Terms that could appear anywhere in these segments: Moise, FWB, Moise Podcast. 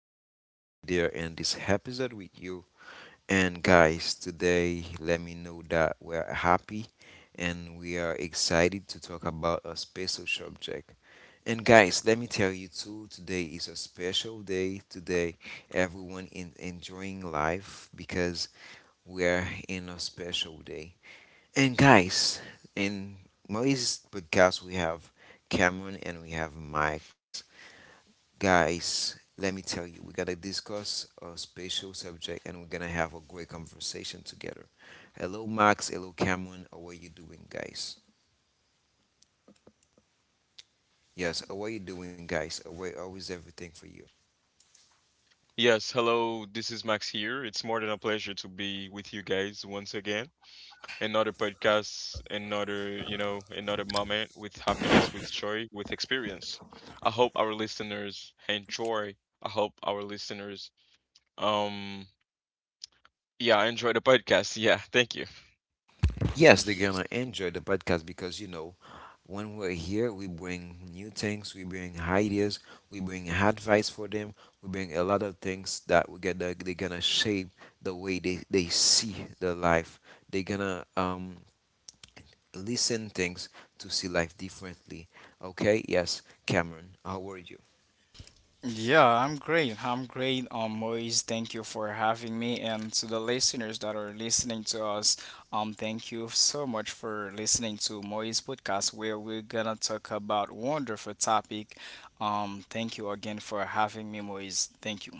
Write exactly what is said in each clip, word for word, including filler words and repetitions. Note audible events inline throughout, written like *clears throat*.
happy to be there in this episode with you. And guys, today let me know that we're happy and we are excited to talk about a special subject. And guys, let me tell you too, today is a special day. Today everyone in enjoying life because we're in a special day. And guys, in Moise's podcast we have Cameron and we have Mike's. Guys, let me tell you, we're gonna discuss a special subject and we're gonna have a great conversation together. Hello, Max. Hello, Cameron. How are you doing, guys? Yes, how are you doing, guys? How are- how is everything for you? Yes, hello. This is Max here. It's more than a pleasure to be with you guys once again. Another podcast, another, you know, another moment with happiness, with joy, with experience. I hope our listeners enjoy. I hope our listeners um yeah, Enjoy the podcast. *laughs* Yeah, thank you. Yes, they're gonna enjoy the podcast because you know, when we're here, we bring new things, we bring ideas, we bring advice for them, we bring a lot of things that we get. That they're gonna shape the way they, they see the life. They're gonna um listen things to see life differently. Okay, yes, Cameron, how are you? Yeah, I'm great. I'm great, um, Moise. Thank you for having me, and to the listeners that are listening to us, um, thank you so much for listening to Moise podcast, where we're gonna talk about wonderful topic. Um, thank you again for having me, Moise. Thank you.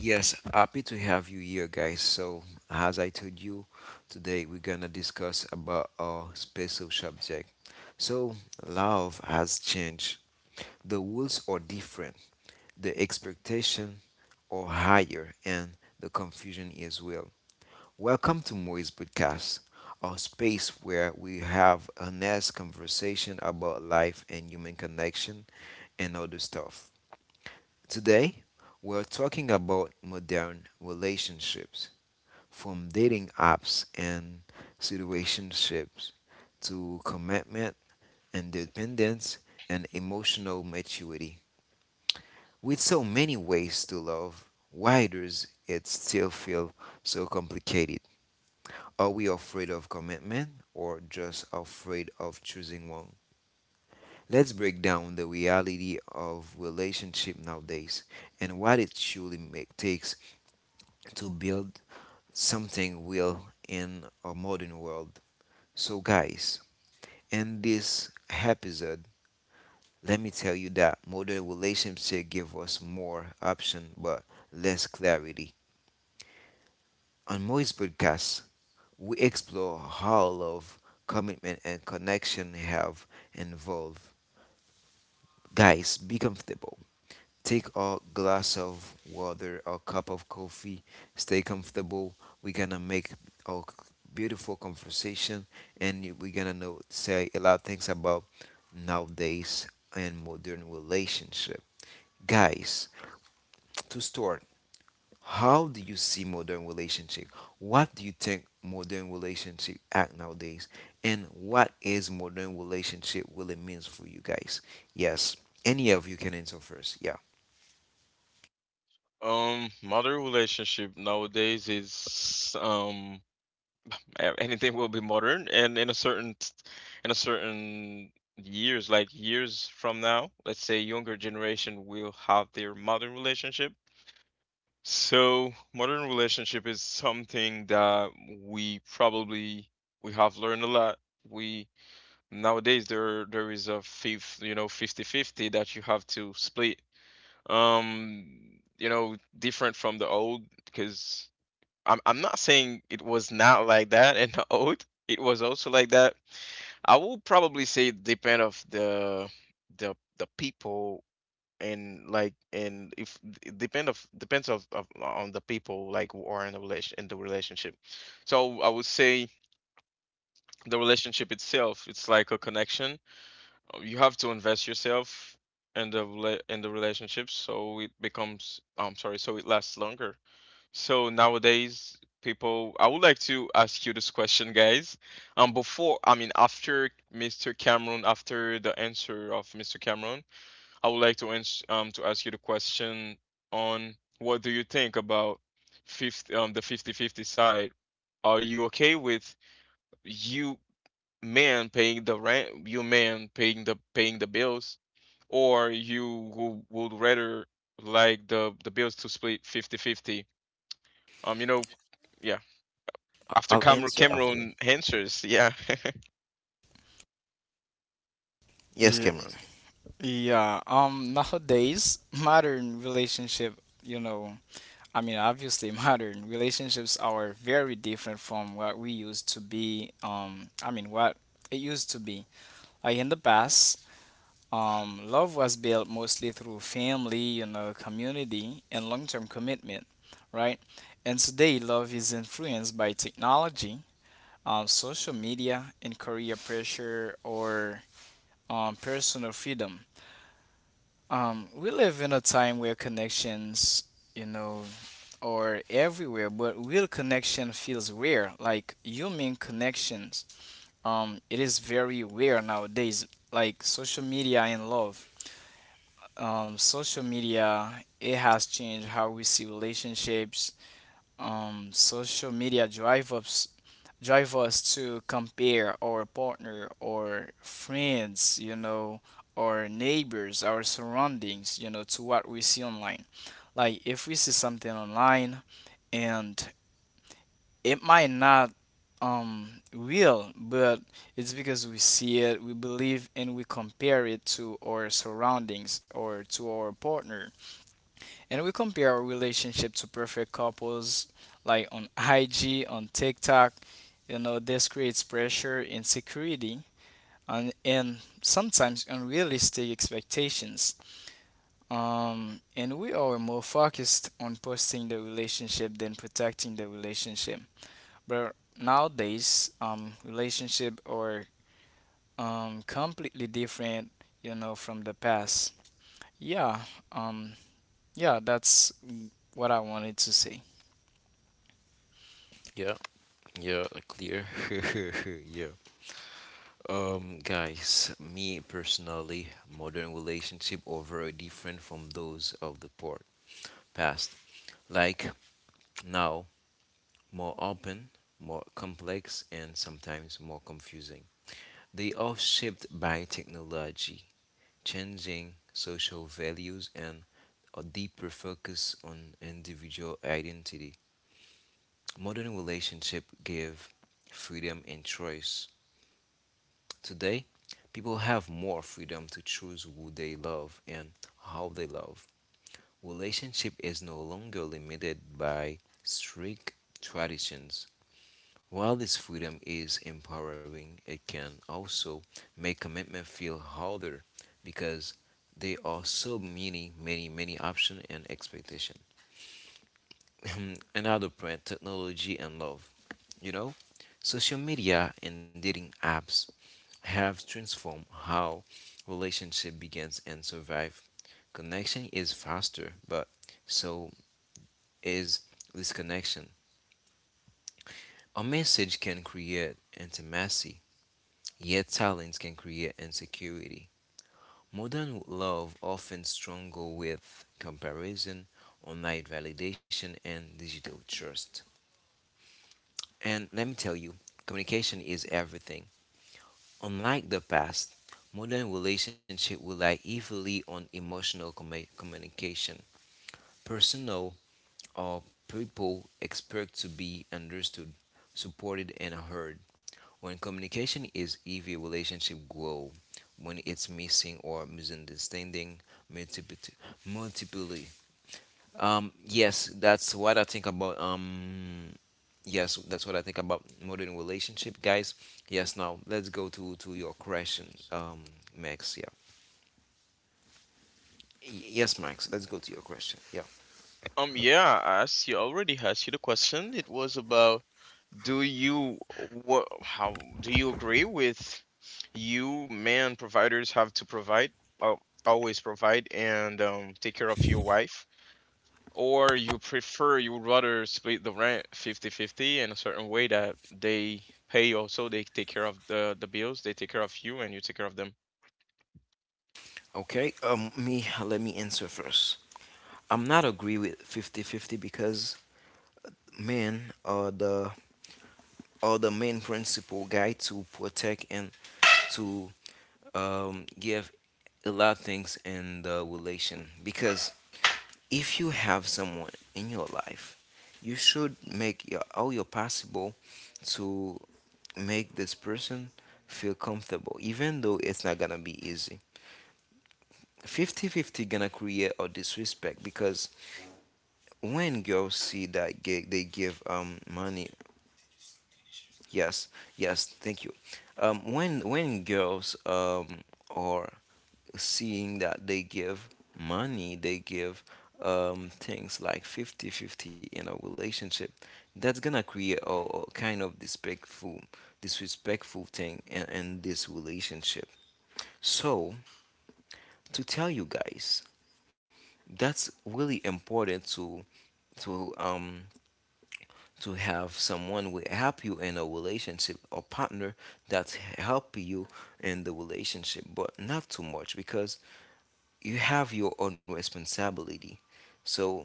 Yes, happy to have you here, guys. So, as I told you, today we're gonna discuss about our special subject. So, love has changed. The rules are different. The expectation are higher, and the confusion is well. Welcome to Moise Podcast, a space where we have honest conversation about life and human connection and other stuff. Today, we're talking about modern relationships, from dating apps and situationships to commitment, independence, and emotional maturity. With so many ways to love, why does it still feel so complicated? Are we afraid of commitment or just afraid of choosing one? Let's break down the reality of relationship nowadays and what it truly make, takes to build something real in a modern world. So, guys, in this episode, let me tell you that modern relationship give us more option but less clarity. On Moist Podcast, we explore how love, commitment, and connection have involved. Guys, be comfortable. Take a glass of water, a cup of coffee. Stay comfortable. We're gonna make a beautiful conversation, and we're gonna know say a lot of things about nowadays and modern relationship. Guys, to start. How do you see modern relationship? What do you think modern relationship act nowadays? And what is modern relationship really means for you guys? Yes. Any of you can answer first. Yeah. Um mother relationship nowadays is um e- anything will be modern and in a certain in a certain years, like years from now. Let's say younger generation will have their modern relationship, so modern relationship is something that we probably we have learned a lot. We Nowadays, there there is a fifth you know fifty-fifty that you have to split. um you know, different from the old, because I'm I'm not saying it was not like that in the old. It was also like that. I will probably say it depend of the the the people, and like and if it depend of depends of, of, on the people like who are in the relation in the relationship. So I would say the relationship itself, it's like a connection. Uh, You have to invest yourself in the rela- in the relationship, so it becomes, I'm sorry, so it lasts longer. So nowadays, people, I would like to ask you this question, guys. Um, before, I mean, after mister Cameron, after the answer of mister Cameron, I would like to ans um to ask you the question on what do you think about fifty um the fifty-fifty side? Are you okay with you man paying the rent, you man paying the paying the bills, or you who would rather like the the bills to split fifty-fifty? Um, you know, yeah. After I'll Cam- answer after. Cameron answers, yeah. *laughs* Yes, Yeah, Cameron. yeah. Um, nowadays, *laughs* modern relationship, you know, I mean, obviously, *laughs* modern relationships are very different from what we used to be. Um, I mean, what it used to be Uh, In the past, um, love was built mostly through family, you know, community, and long term commitment, right? And today, love is influenced by technology, um, social media, and career pressure or um, personal freedom. Um, we live in a time where connections, you know, are everywhere, but real connection feels rare. Like human connections, um, it is very rare nowadays. Like social media and love um, social media it has changed how we see relationships. Um, social media drive us drive us to compare our partner or friends, you know, our neighbors, our surroundings, you know, to what we see online. Like if we see something online and it might not um real, but it's because we see it we believe and we compare it to our surroundings or to our partner, and we compare our relationship to perfect couples like on I G, on TikTok. You know, this creates pressure, insecurity, and, and sometimes unrealistic expectations. Um, and we are more focused on posting the relationship than protecting the relationship. But nowadays, um, relationship are um, completely different, you know, from the past. Yeah, um, yeah, that's what I wanted to say. Yeah, yeah, clear. *laughs* Yeah. Um, guys, me personally, modern relationship are very different from those of the port past. Like now, more open, more complex, and sometimes more confusing. They are shaped by technology, changing social values, and a deeper focus on individual identity. Modern relationships give freedom and choice. Today, people have more freedom to choose who they love and how they love. Relationship is no longer limited by strict traditions. While this freedom is empowering, it can also make commitment feel harder because there are so many, many, many options and expectation. *clears throat* *laughs* Another brand, technology and love. You know, social media and dating apps have transformed how relationship begins and survive. Connection is faster, but so is disconnection. A message can create intimacy. Yet silence can create insecurity. Modern love often struggle with comparison, online validation, and digital trust. And let me tell you, communication is everything. Unlike the past, modern relationship rely heavily on emotional commu- communication. Personal of People expect to be understood, supported, and heard. When communication is heavy, relationship grow. When it's missing or misunderstanding, multiple, multiply. Um, yes, that's what I think about. Um, yes, that's what I think about modern relationship, guys. Yes, now let's go to to your question, um, Max. Yeah. Y- Yes, Max. Let's go to your question. Yeah. Um, yeah, I asked you I already asked you the question. It was about, do you, what, how do you agree with you man providers have to provide, uh, always provide, and um, take care of your wife, or you prefer you would rather split the rent fifty-fifty in a certain way that they pay also, they take care of the the bills, they take care of you, and you take care of them. Okay. Um, me. Let me answer first. I'm not agree with fifty-fifty because men are the are the main principal guy to protect and to um, give a lot of things in the relation because if you have someone in your life you should make your, all your possible to make this person feel comfortable even though it's not gonna be easy. fifty fifty gonna create a disrespect because when girls see that gig they give um money. Yes, yes, thank you. Um when when girls um are seeing that they give money, they give um things like fifty fifty in a relationship, that's gonna create a, a kind of disrespectful disrespectful thing in, in this relationship. So, to tell you guys, that's really important to to um to have someone will help you in a relationship, or partner that help you in the relationship, but not too much because you have your own responsibility. So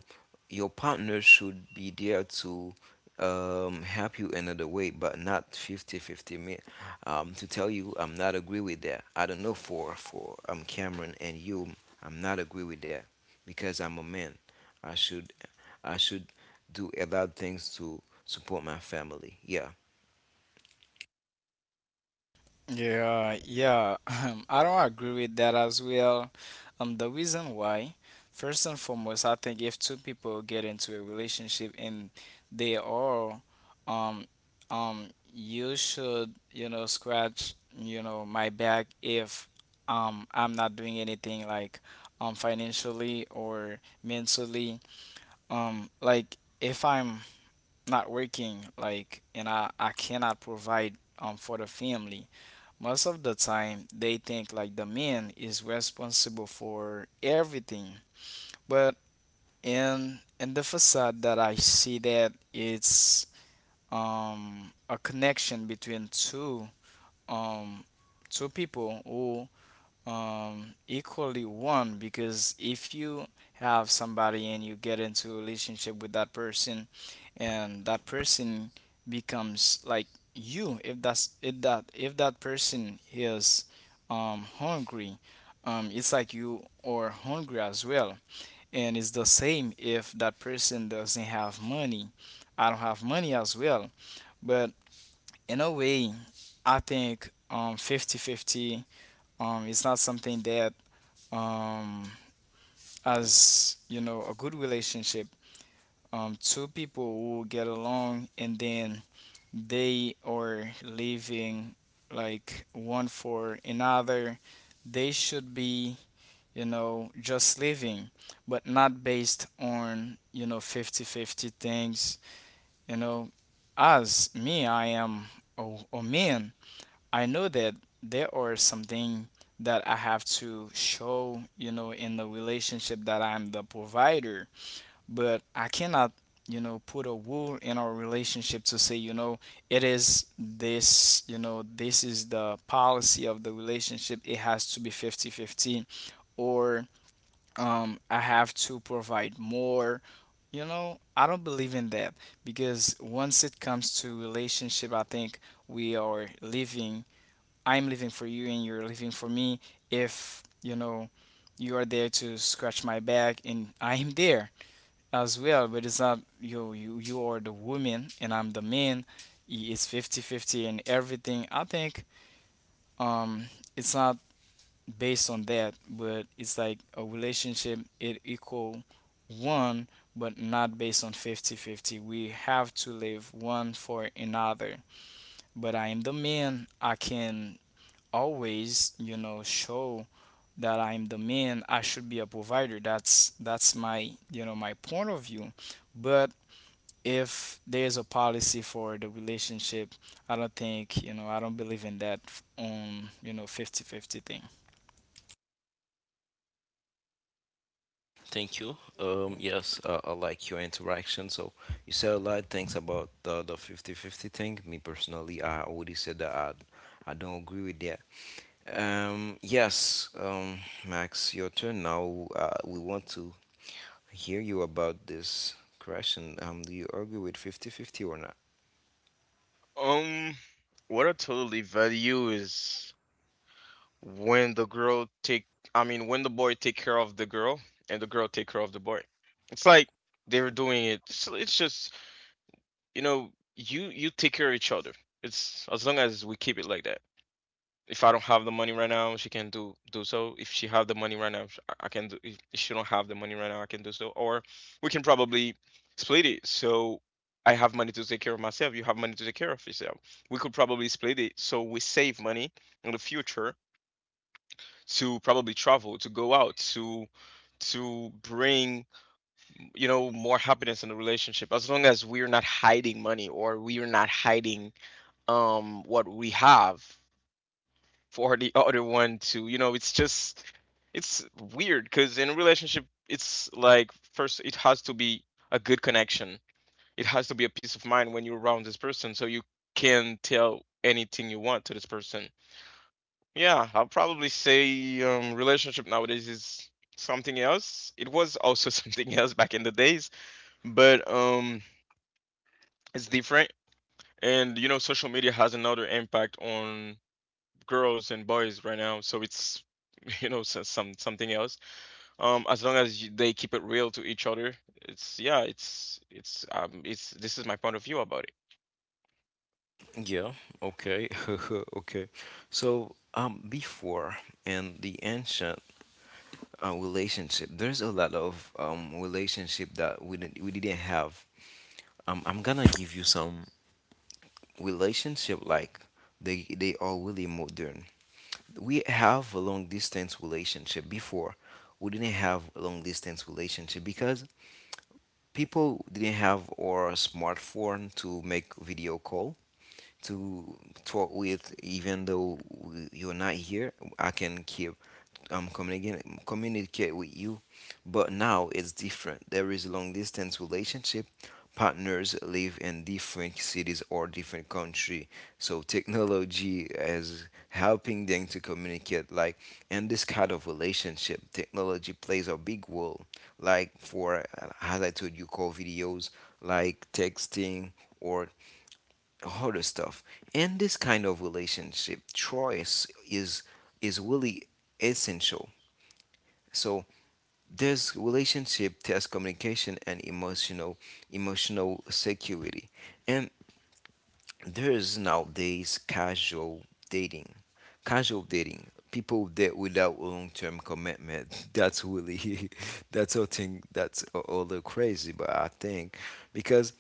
your partner should be there to um, help you another way, but not fifty-fifty. Me. Um, to tell you, I'm not agree with that. I don't know for for um, Cameron and you, I'm not agree with that because I'm a man. I should I should do a lot of things to support my family. Yeah. Yeah, yeah, *laughs* um, I don't agree with that as well. Um, the reason why, first and foremost, I think if two people get into a relationship and they are, um, um, you should, you know, scratch, you know, my back if, um, I'm not doing anything like, um, financially or mentally, um, like if I'm not working, like, and I, I cannot provide, um, for the family most of the time, they think like the man is responsible for everything. But in in the facade that I see that it's um, a connection between two um, two people who um equally one, because if you have somebody and you get into a relationship with that person, and that person becomes like you, if that's if that if that person is um hungry, um it's like you are hungry as well. And it's the same, if that person doesn't have money, I don't have money as well. But in a way, I think um fifty fifty, um it's not something that um, as you know, a good relationship, um, two people who get along and then they are living like one for another, they should be, you know, just living but not based on, you know, fifty-fifty things, you know. As me, I am a, a man. I know that there are something that I have to show, you know, in the relationship, that I'm the provider, but I cannot, you know, put a rule in our relationship to say, you know, it is this, you know, this is the policy of the relationship. It has to be fifty fifty or um, I have to provide more. You know, I don't believe in that because once it comes to relationship, I think we are living I'm living for you and you're living for me. If you know you are there to scratch my back, and I am there as well, but it's not you you you are the woman and I'm the man. It's fifty-fifty, and everything. I think um it's not based on that, but it's like a relationship it equal one, but not based on fifty-fifty. We have to live one for another. But I am the man. I can always, you know, show that I'm the man. I should be a provider. That's that's my, you know, my point of view. But if there's a policy for the relationship, I don't think, you know I don't believe in that f- um you know, fifty fifty thing. Thank you. Um, yes, uh, I like your interaction. So you said a lot of things about the, the fifty fifty thing. Me personally, I already said that I, I don't agree with that. Um, yes, um, Max, your turn now. Uh, we want to hear you about this question. Um, do you agree with fifty fifty or not? Um, what I totally value is when the girl take, I mean, when the boy take care of the girl and the girl take care of the boy. It's like they're doing it. It's, it's just, you know, you you take care of each other. It's, as long as we keep it like that. If I don't have the money right now, she can do do so. If she have the money right now, sh- I I can do. If she don't have the money right now, I can do so. Or we can probably split it. So I have money to take care of myself. You have money to take care of yourself. We could probably split it so we save money in the future to probably travel, to go out, to to bring, you know, more happiness in the relationship. As long as we're not hiding money, or we are not hiding um what we have for the other one, to, you know, it's just it's weird, because in a relationship it's like, first it has to be a good connection. It has to be a peace of mind when you're around this person, so you can tell anything you want to this person. Yeah, I'll probably say um, relationship nowadays is something else. It was also *laughs* something else back in the days, but um it's different. And you know, social media has another impact on girls and boys right now, so it's *laughs* you know, so- some something else. Um, as long as you, they keep it real to each other, it's, yeah, it's, it's um, it's, this is my point of view about it. Yeah, okay, *laughs* okay. So, um, before in the ancient uh, relationship. There's a lot of um, relationship that we didn't we didn't have. Um, I'm gonna give you some relationship like they they are really modern. We have a long distance relationship before. We didn't have a long distance relationship because people didn't have our smartphone to make video call, to talk with, even though w- you're not here. I can keep um, communicating communicate with you. But now it's different. There is long distance relationship. Partners live in different cities or different country. So technology is helping them to communicate. Like in this kind of relationship, technology plays a big role. Like for uh, as I told you, call videos, like texting or harder stuff. And this kind of relationship choice is is really essential. So there's relationship, there's communication, and emotional emotional security. And there's nowadays casual dating, casual dating. People that without long term commitment. *laughs* That's really *laughs* that's a thing, that's a, a little crazy, but I think because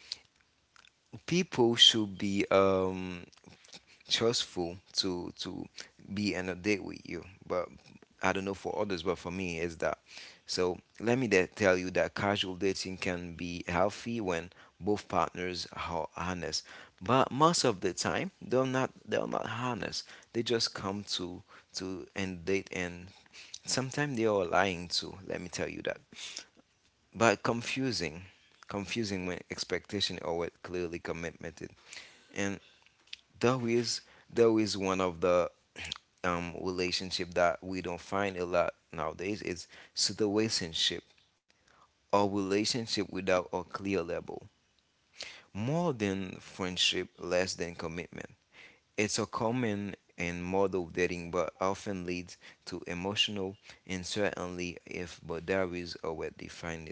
people should be um trustful to to be in a date with you. But I don't know for others, but for me, it's that. So let me de- tell you that casual dating can be healthy when both partners are honest. But most of the time, they're not. They're not honest. They just come to to end date, and sometimes they are lying too. Let me tell you that. But confusing, confusing when expectation or what clearly commitment is. And that is that is one of the um relationship that we don't find a lot nowadays is situationship, or relationship without a clear label, more than friendship less than commitment. It's a common and model dating but often leads to emotional and certainly if boundaries are well defined.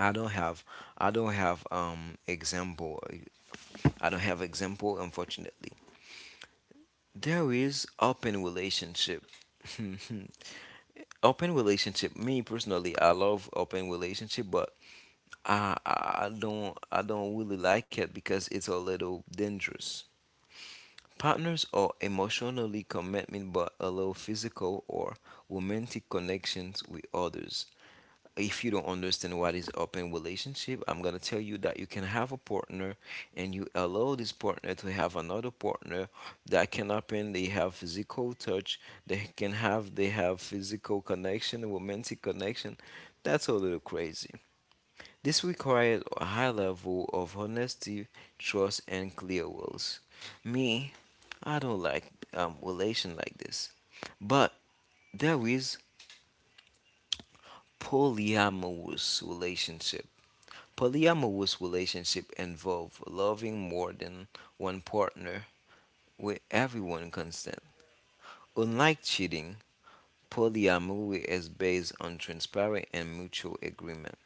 i don't have I don't have um example. I don't have example, unfortunately. There is open relationship. *laughs* Open relationship, me personally, I love open relationship, but I, I I don't I don't really like it because it's a little dangerous. Partners are emotionally committed but allow physical or romantic connections with others. If you don't understand what is open relationship, I'm gonna tell you that you can have a partner and you allow this partner to have another partner. That can happen. They have physical touch, they can have they have physical connection, romantic connection. That's a little crazy. This required a high level of honesty, trust, and clear wills. Me, I don't like um, relation like this. But there is polyamorous relationship. Polyamorous relationship involve loving more than one partner with everyone consent. Unlike cheating, polyamory is based on transparent and mutual agreement.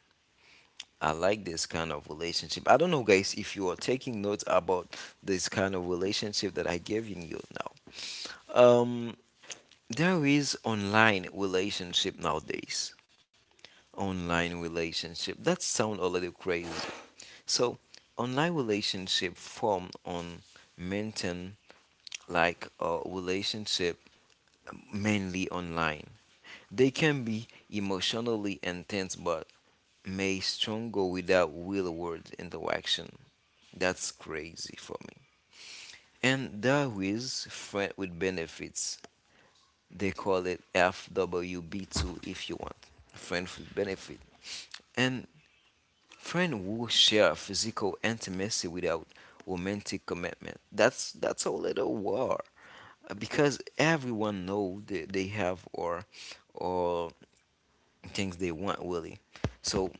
I like this kind of relationship. I don't know, guys, if you are taking notes about this kind of relationship that I giving you now. Um, there is online relationship nowadays. Online relationship that sound a little crazy. So, online relationship form on maintain like a relationship mainly online. They can be emotionally intense, but may struggle without real world interaction. That's crazy for me. And there is friend with benefits. They call it F W B two if you want. Friend with benefit. And friend who share physical intimacy without romantic commitment. That's that's a little war. Uh, Because everyone know that they have or or things they want really. So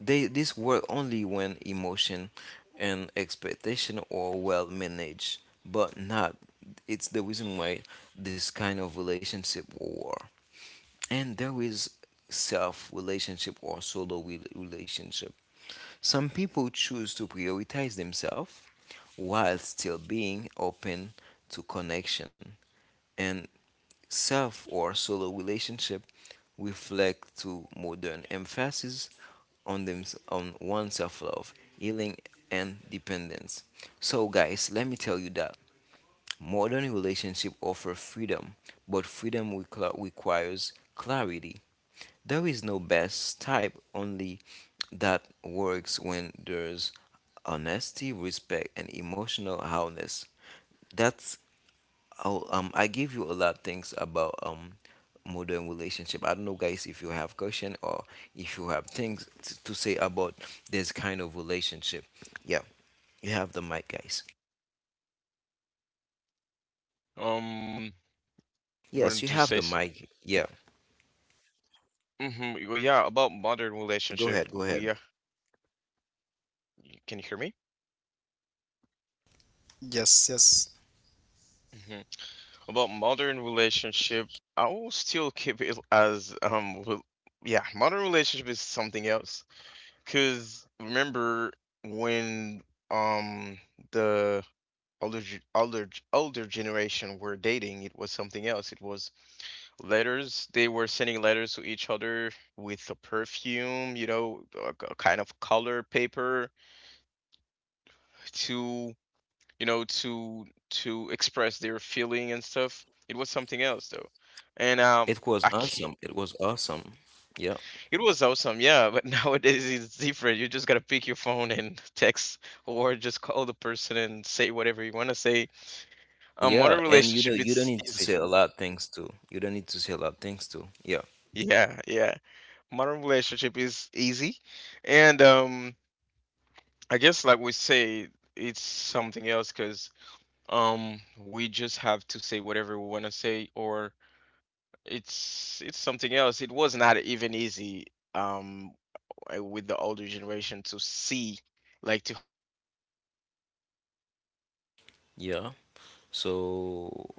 They this work only when emotion and expectation are well managed, but not. It's the reason why this kind of relationship war. And there is self relationship or solo rel- relationship. Some people choose to prioritize themselves while still being open to connection and self or solo relationship reflect to modern emphasis on them on one's self-love, healing, and dependence. So, guys, let me tell you that modern relationship offer freedom, but freedom requ- requires clarity. There is no best type, only that works when there's honesty, respect, and emotional wholeness. That's Oh, um, I give you a lot of things about um modern relationship. I don't know, guys, if you have question or if you have things t- to say about this kind of relationship. Yeah, you have the mic, guys. Um, you Yes, wanted you to have say? the mic. Yeah, Mm-hmm, well, yeah, about modern go relationship, ahead, go ahead. we, uh, can you hear me? Yes, yes. Hmm. About modern relationship, I will still keep it as um, well, yeah, modern relationship is something else. Cause remember when um the older ge- older g- older generation were dating, it was something else. It was letters. They were sending letters to each other with a perfume, you know, a, a kind of color paper to, you know, to to express their feeling and stuff. It was something else though, and um, It was I can't. awesome. It was awesome. Yeah, It was awesome, yeah, but *laughs* nowadays it's different. You just gotta pick your phone and *laughs* text, or just call the person and say whatever you wanna say. Um, yeah, modern and you know, relationship, you don't it's need to easy. say a lot of things too. You don't need to say a lot of things too. Yeah, Yeah, yeah. Modern relationship is easy. And um I guess, like we say, it's something else, because um we just have to say whatever we wanna say, or it's it's something else. It was not even easy, um uh, with the older generation to see, like to have to date, like to to see the person. yeah. So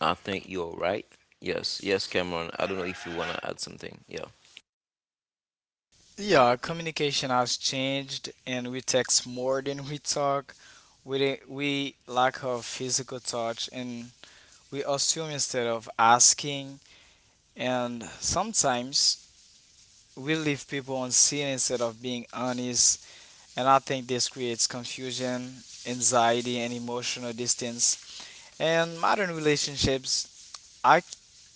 I think you're right. Yes, yes, Cameron. I don't know if you wanna add something. Yeah. Yeah, communication has changed and we text more than we talk. We di- we lack of physical touch, and we assume instead of asking, and sometimes we leave people unseen instead of being honest, and I think this creates confusion, anxiety, and emotional distance. And modern relationships, I,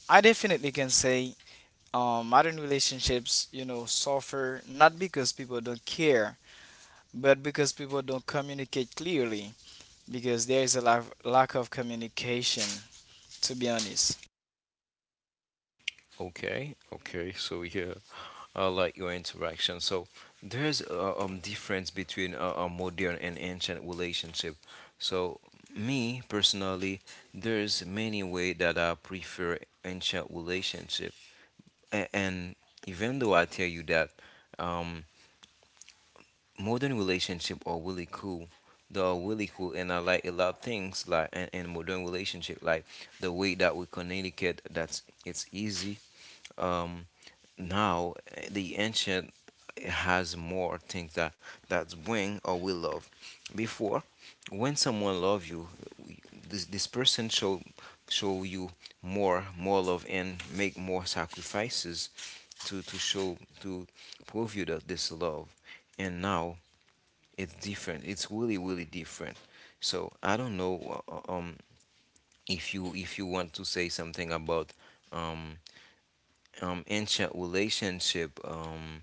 I definitely can say, um, modern relationships, you know, suffer not because people don't care, but because people don't communicate clearly, because there is a lack, lack of communication, to be honest. Okay, okay. So yeah, I like your interaction. So there's a um, difference between a, a modern and ancient relationship. So me personally, there's many way that I prefer ancient relationship. A- and even though I tell you that um, modern relationship are really cool, they are really cool, and I like a lot of things like in, in modern relationship, like the way that we communicate. That's It's easy. Um, Now, eh, the ancient has more things that that bring or will love. Before, when someone love you, this this person show show you more more love and make more sacrifices to to show to prove you that this love. And now it's different. It's really really different. So I don't know uh, uh, um if you if you want to say something about um um ancient relationship um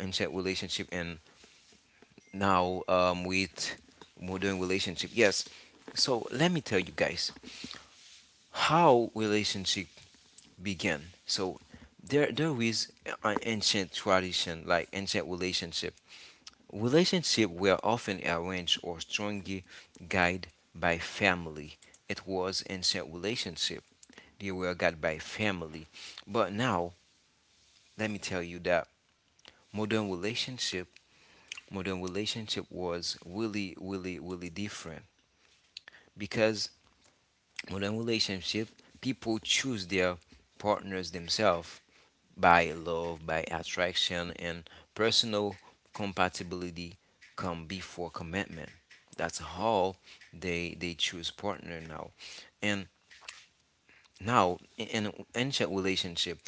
ancient relationship and now um, with modern relationship. Yes. So let me tell you guys how relationship began. So there there is an ancient tradition like ancient relationship. Relationship were often arranged or strongly guided by family. It was ancient relationship. They were guided by family. But now let me tell you that modern relationship modern relationship was really, really, really different because modern relationship people choose their partners themselves by love, by attraction, and personal compatibility come before commitment. That's how they they choose partner now, and now in ancient relationship,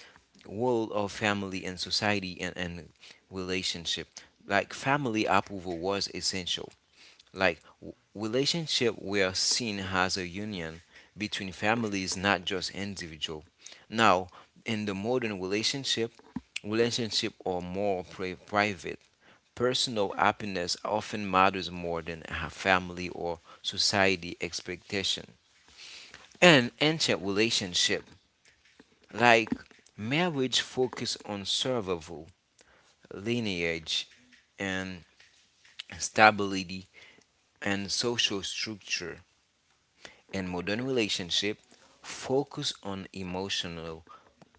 world of family and society and, and relationship, like family approval was essential. Like w- relationship we are seen as a union between families, not just individual. Now, in the modern relationship, relationship are more pri- private. Personal happiness often matters more than a family or society expectation. And ancient relationship, like marriage, focus on survival, lineage, and stability and social structure. And modern relationship focus on emotional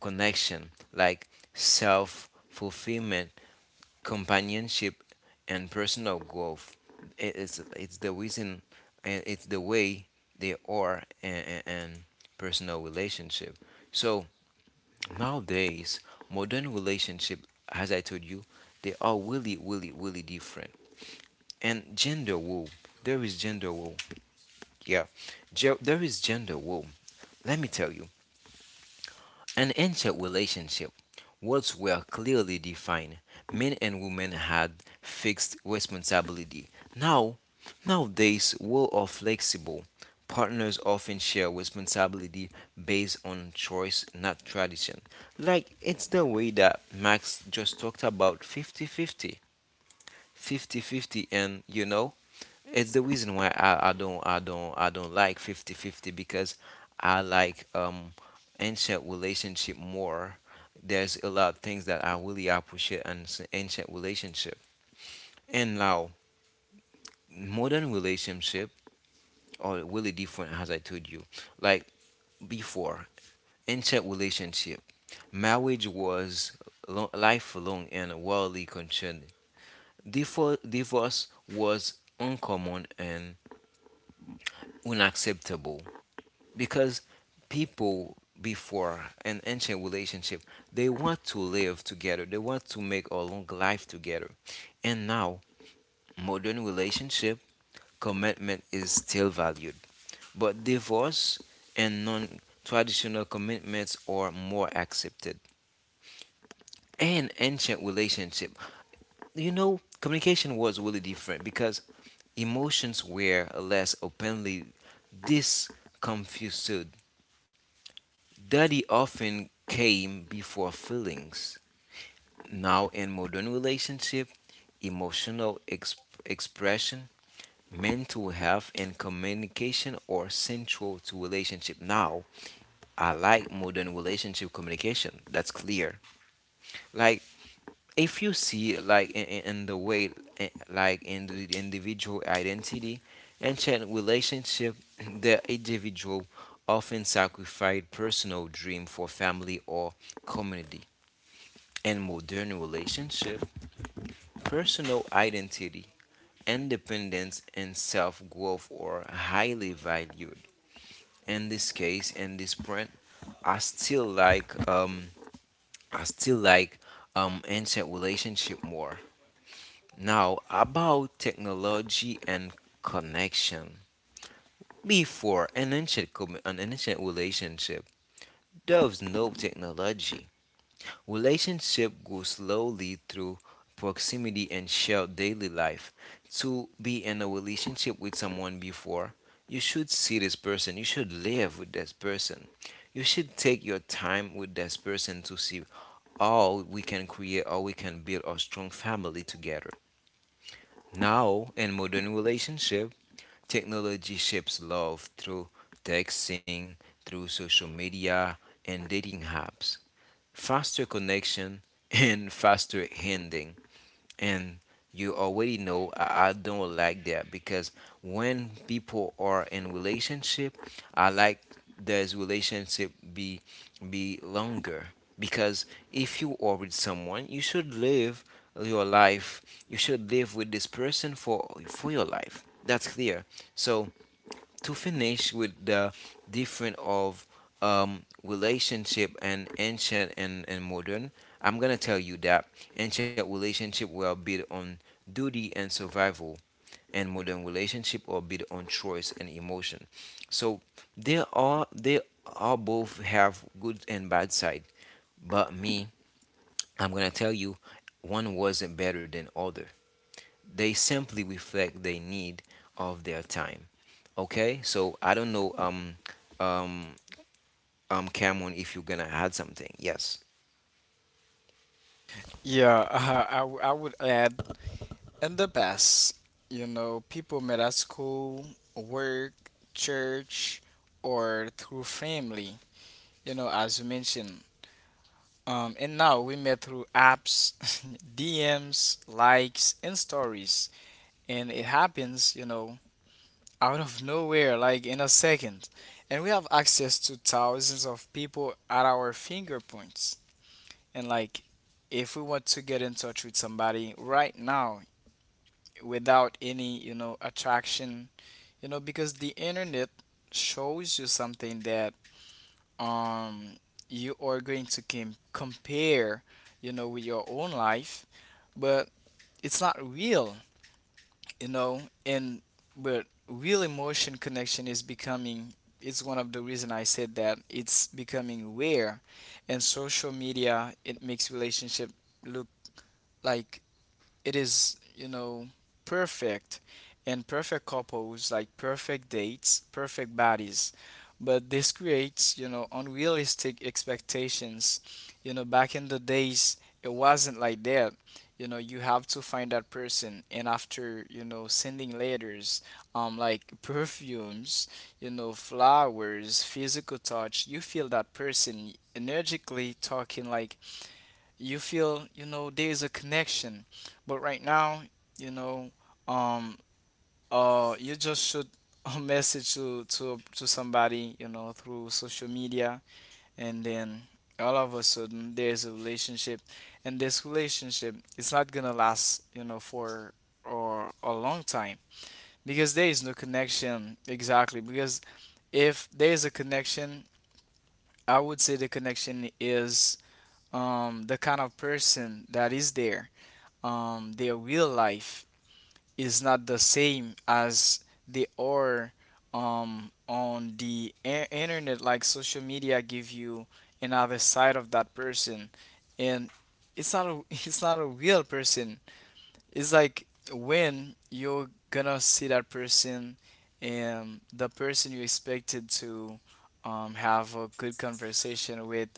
connection like self fulfillment, companionship, and personal growth. It- It's, it's the reason, and it's the way they are and, and personal relationship. So nowadays, modern relationship, as I told you, they are really, really, really different. And gender war, there is gender war. Yeah, Ge- there is gender war. Let me tell you, an ancient relationship, roles were clearly defined. Men and women had fixed responsibility. Now, nowadays, roles are flexible. Partners often share responsibility based on choice, not tradition. Like it's the way that Max just talked about fifty fifty. Fifty fifty, and you know, it's the reason why I, I don't I don't I don't like fifty fifty because I like um ancient relationship more. There's a lot of things that I really appreciate in s- ancient relationship. And now modern relationship are really different as I told you. Like before, ancient relationship, marriage was lo- lifelong and worldly concern. Divorce, divorce was uncommon and unacceptable, because people before an ancient relationship they want to live together, they want to make a long life together. And now modern relationship, commitment is still valued, but divorce and non-traditional commitments are more accepted. And ancient relationship, you know communication was really different because emotions were less openly disconfused. Daddy often came before feelings. Now, in modern relationship, emotional exp- expression, mental health, and communication are central to relationship. Now, I like modern relationship communication. That's clear. Like if you see like in, in in the way eh, like in the individual identity ancient relationship *laughs* *clears throat* the individual often sacrificed personal dream for family or community. In modern relationship, personal identity, independence, and self-growth are highly valued. In this case, in this print, I still like um, I still like um, ancient relationship more. Now about technology and connection. Before an ancient commu- an ancient relationship, there was no technology. Relationship grow slowly through proximity and shared daily life. To be in a relationship with someone before, you should see this person, you should live with this person. You should take your time with this person to see how we can create or we can build a strong family together. Now, in modern relationship, technology shapes love through texting, through social media, and dating apps, faster connection, and faster handling. And you already know I, I don't like that because when people are in relationship, I like this relationship be be longer, because if you are with someone, you should live your life. You should live with this person for for your life. That's clear. So to finish with the different of um, relationship and ancient and, and modern, I'm gonna tell you that ancient relationship were built on duty and survival, and modern relationship are built on choice and emotion. So they are they are both have good and bad side, but me, I'm gonna tell you, one wasn't better than other. They simply reflect the need of their time. Okay, so I don't know, um, um, um, Cameron, if you're gonna add something. Yes. Yeah, uh, I, w- I would add And The best, you know, people met at school, work, church, or through family, you know, as you mentioned. Um, and now we met through apps, *laughs* D Ms, likes, and stories. And it happens, you know, out of nowhere, like in a second. And we have access to thousands of people at our fingerprints. And like, if we want to get in touch with somebody right now without any, you know, attraction. You know, because the internet shows you something that um you are going to com- compare, you know, with your own life, but it's not real, you know. And but real emotion connection is becoming, it's one of the reason I said that it's becoming rare. And social media, it makes relationship look like it is, you know, perfect, and perfect couples, like perfect dates, perfect bodies. But this creates, you know, unrealistic expectations. You know, back in the days it wasn't like that. You know, you have to find that person, and after, you know, sending letters, um like perfumes, you know, flowers, physical touch, you feel that person energically talking, like you feel, you know, there's a connection. But right now, you know um uh you just shoot a *laughs* message to to to somebody, you know, through social media, and then all of a sudden there's a relationship, and this relationship, it's not gonna last, you know, for or a long time, because there is no connection. Exactly, because if there is a connection, I would say the connection is, um the kind of person that is there, um, their real life is not the same as they are um, on the i- internet. Like social media give you another side of that person, and it's not a *laughs* it's not a real person. It's like, when you're gonna see that person, and the person you expected to um, have a good conversation with,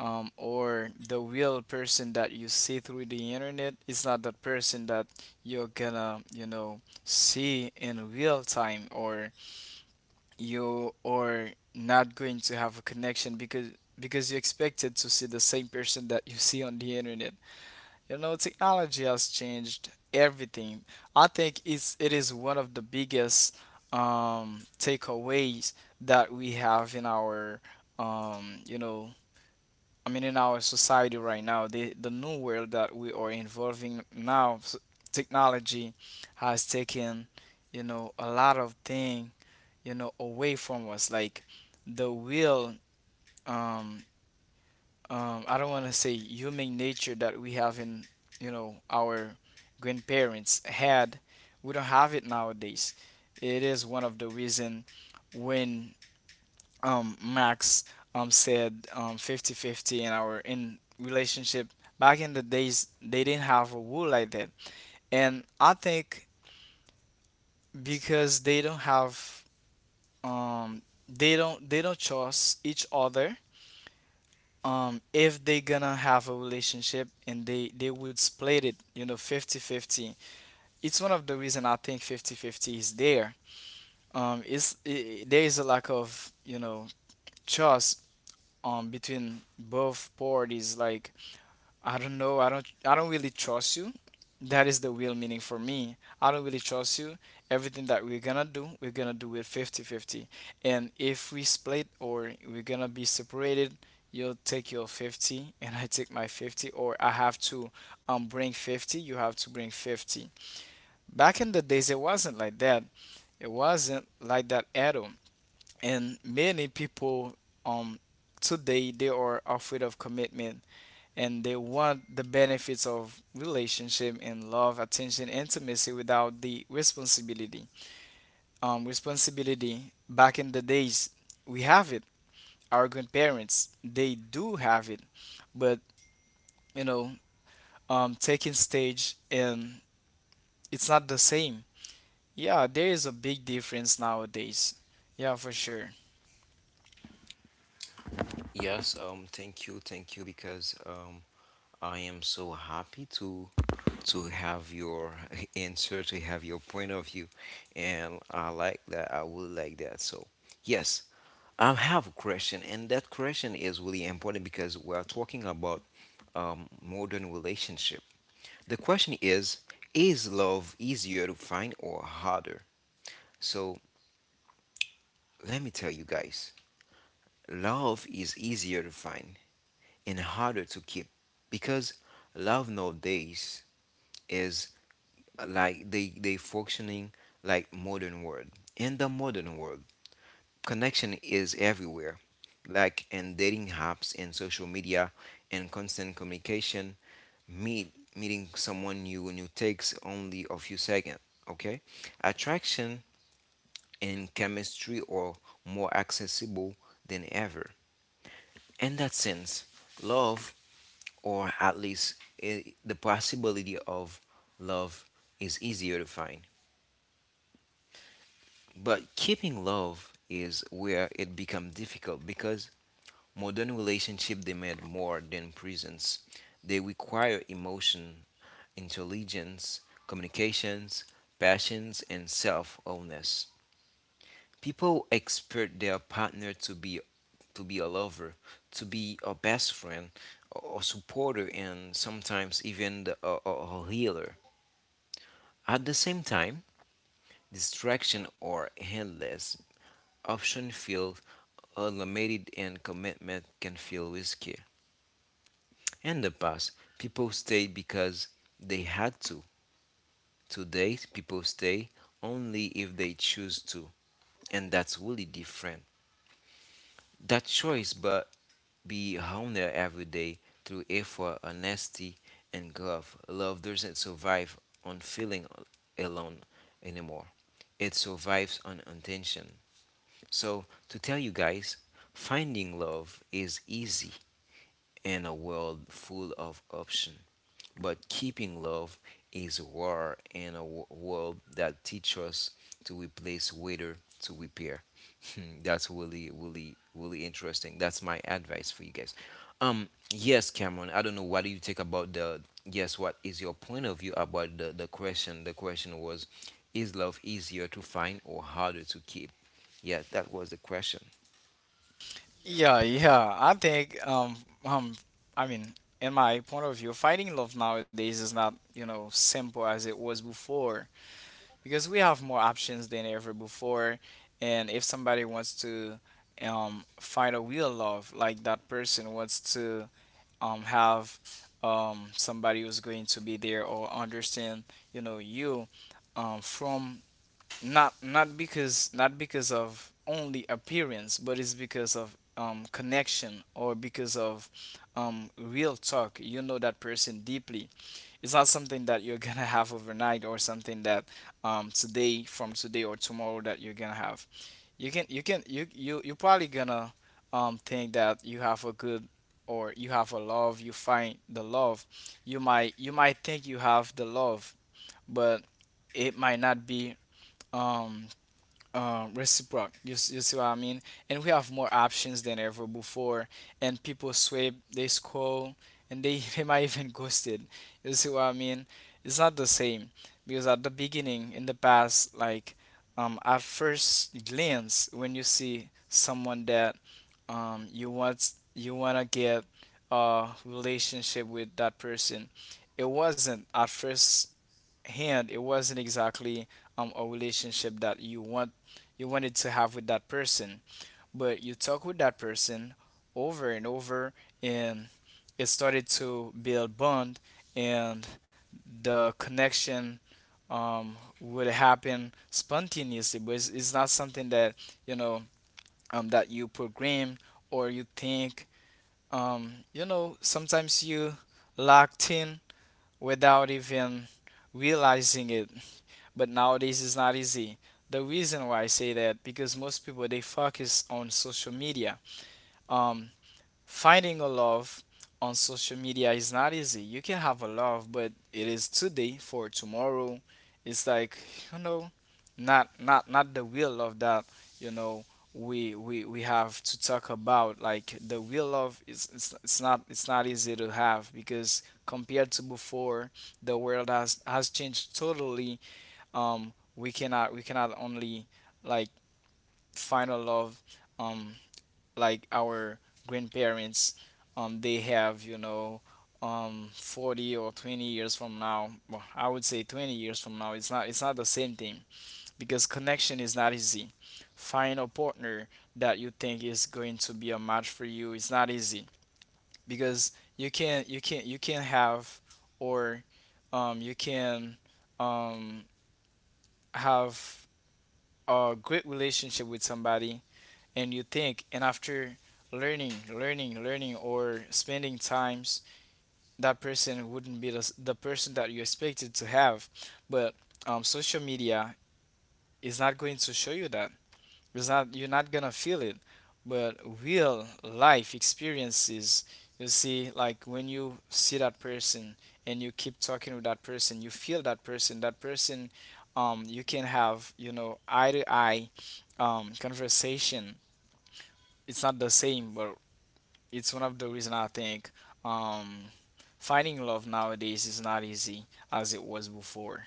um, or the real person that you see through the internet is not the person that you're gonna, you know, see in real time, or you are not going to have a connection, because because you expected to see the same person that you see on the internet. You know, technology has changed everything. I think it's it is one of the biggest um takeaways that we have in our um you know, I mean, in our society right now, the the new world that we are involving now, s- technology has taken, you know, a lot of thing, you know, away from us. Like the real, um, um, I don't want to say human nature, that we have in, you know, our grandparents had. We don't have it nowadays. It is one of the reason when um, Max um, said um, 50 fifty in our in relationship. Back in the days, they didn't have a rule like that, and I think because they don't have um, they don't they don't trust each other. Um, if they gonna have a relationship, and they they would split it, you know, fifty-fifty. It's one of the reason I think fifty-fifty is there. Um, it's I There is a lack of, you know, trust um between both parties, like, I don't know. I don't. I don't really trust you. That is the real meaning for me. I don't really trust you. Everything that we're gonna do, we're gonna do it fifty-fifty. And if we split or we're gonna be separated, you'll take your fifty and I take my fifty, or I have to um bring fifty, you have to bring fifty. Back in the days, it wasn't like that. It wasn't like that at all. And many people um today, they are afraid of commitment, and they want the benefits of relationship and love, attention, intimacy without the responsibility. Um, responsibility back in the days, we have it. Our grandparents, they do have it, but you know, um, taking stage and it's not the same. Yeah, there is a big difference nowadays. Yeah, for sure. Yes. Um. Thank you. Thank you. Because um, I am so happy to to have your *laughs* answer, to have your point of view, and I like that. I would like that. So yes, I have a question, and that question is really important because we are talking about um, modern relationship. The question is: is love easier to find or harder? So, let me tell you guys, love is easier to find and harder to keep, because love nowadays is uh, like they, they, functioning like modern world. In the modern world, connection is everywhere, like in dating apps and social media and constant communication. Meet meeting someone new and takes only a few seconds. Okay, attraction in chemistry are more accessible than ever. In that sense, love, or at least eh, the possibility of love, is easier to find. But keeping love is where it becomes difficult because modern relationships demand more than presence. They require emotion, intelligence, communications, passions, and self awareness. People expect their partner to be to be a lover, to be a best friend, a a supporter, and sometimes even the, a, a a healer. At the same time, distraction or endless option feel unlimited, and commitment can feel risky. In the past, people stayed because they had to. Today, people stay only if they choose to, and that's really different. That choice, but be honest every day through effort, honesty, and growth. Love doesn't survive on feeling alone anymore. It survives on intention. So, to tell you guys, finding love is easy in a world full of options, but keeping love is war in a wo- world that teaches us to replace waiter to repair. Hmm, that's really, really, really interesting. That's my advice for you guys. Um, yes, Cameron. I don't know. What do you think about the? Yes, what is your point of view about the the question? The question was, is love easier to find or harder to keep? Yeah, that was the question. Yeah, yeah. I think um um I mean, in my point of view, finding love nowadays is not, you know, simple as it was before, because we have more options than ever before. And if somebody wants to um find a real love, like that person wants to um have um somebody who's going to be there or understand, you know, you um from not not because not because of only appearance, but it's because of um, connection, or because of um, real talk, you know that person deeply. It's not something that you're *laughs* gonna have overnight, or something that um, today from today or tomorrow that you're gonna have. You can you can you you you're probably gonna um, think that you have a good, or you have a love, you find the love. You might you might think you have the love, but it might not be um uh, reciproc. You, s- you see what I mean? And we have more options than ever before. And people swipe, they scroll, and they, *laughs* they might even ghost it. You see what I mean? It's not the same, because at the beginning, in the past, like um, at first glance, when you see someone that um, you want you wanna get a relationship with that person, it wasn't at first hand, it wasn't exactly um a relationship that you want, you wanted to have with that person. But you talk with that person over and over, and it started to build bond and the connection. Um would happen spontaneously, but it's, it's not something that, you know, um that you program or you think, um you know, sometimes you locked in without even realizing it. But nowadays it's not easy. The reason why I say that, because most people they focus on social media. Um, Finding a love on social media is not easy. You can have a love, but it is today for tomorrow. It's like, you know, not not not the real love that, you know, we we we have to talk about. Like the real love, is it's, it's not, it's not easy to have, because compared to before, the world has has changed totally. um we cannot we cannot only, like, find a love um like our grandparents um they have, you know, um forty or twenty years from now, well, I would say twenty years from now, it's not, it's not the same thing, because connection is not easy. Find a partner that you think is going to be a match for you, it's not easy, because you can you can you can have, or um you can um have a great relationship with somebody, and you think, and after learning learning learning or spending times, that person wouldn't be the, s- the person that you expected to have. But um, social media is not going to show you that. It's not, you're not gonna feel it, but real life experiences. You see, like when you see that person and you keep talking with that person, you feel that person. That person, um, you can have, you know, eye to eye, um, conversation. It's not the same, but it's one of the reason I think um, finding love nowadays is not easy as it was before.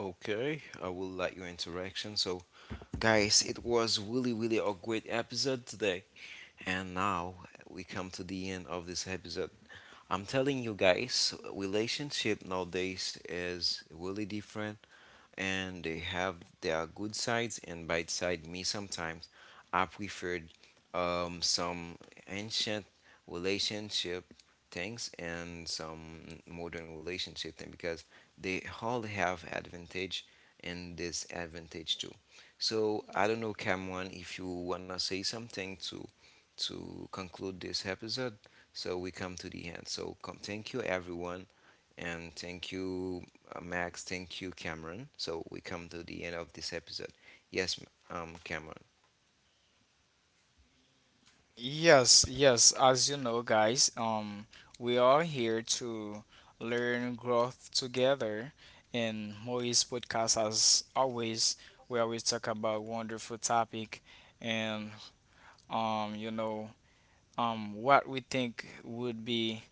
Okay, I will like your interaction. So, guys, it was really, really a great episode today. And now we come to the end of this episode. I'm telling you guys, relationship nowadays is really different and they have their good sides and bad side. Me sometimes I preferred um, some ancient relationship things and some modern relationship thing because they all have advantage and disadvantage too. So I don't know, Cameron, if you wanna say something to to conclude this episode, so we come to the end. So come, thank you everyone, and thank you, uh, Max. Thank you, Cameron. So we come to the end of this episode. Yes, um, Cameron. Yes, yes, as you know, guys, um, we are here to learn growth together. And Moise podcast, as always, we always talk about wonderful topic, and um, you know, um, what we think would be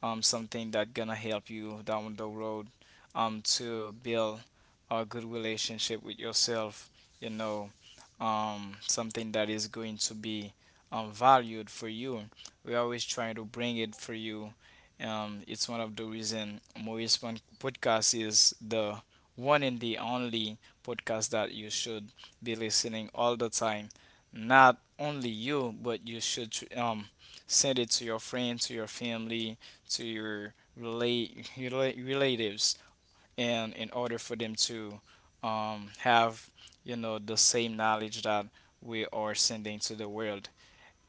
um, something that gonna help you down the road, um, to build a good relationship with yourself, you know, um, something that is going to be um, valued for you. We always try to bring it for you. Um, it's one of the reason Maurice Pon- podcast is the one and the only podcast that you should be listening all the time. Not only you, but you should tr- um send it to your friend, to your family, to your relate relatives, and in order for them to um, have, you know, the same knowledge that we are sending to the world.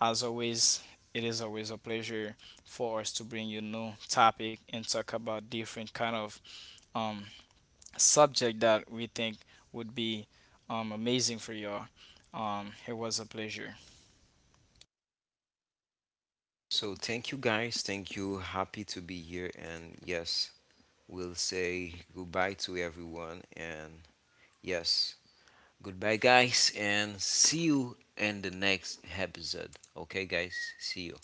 As always, it is always a pleasure for us to bring you new topic and talk about different kind of um, subject that we think would be um, amazing for you. All. Um, it was a pleasure. So thank you, guys. Thank you. Happy to be here. And yes, we'll say goodbye to everyone. And yes, goodbye, guys. And see you in the next episode. Okay, guys. See you.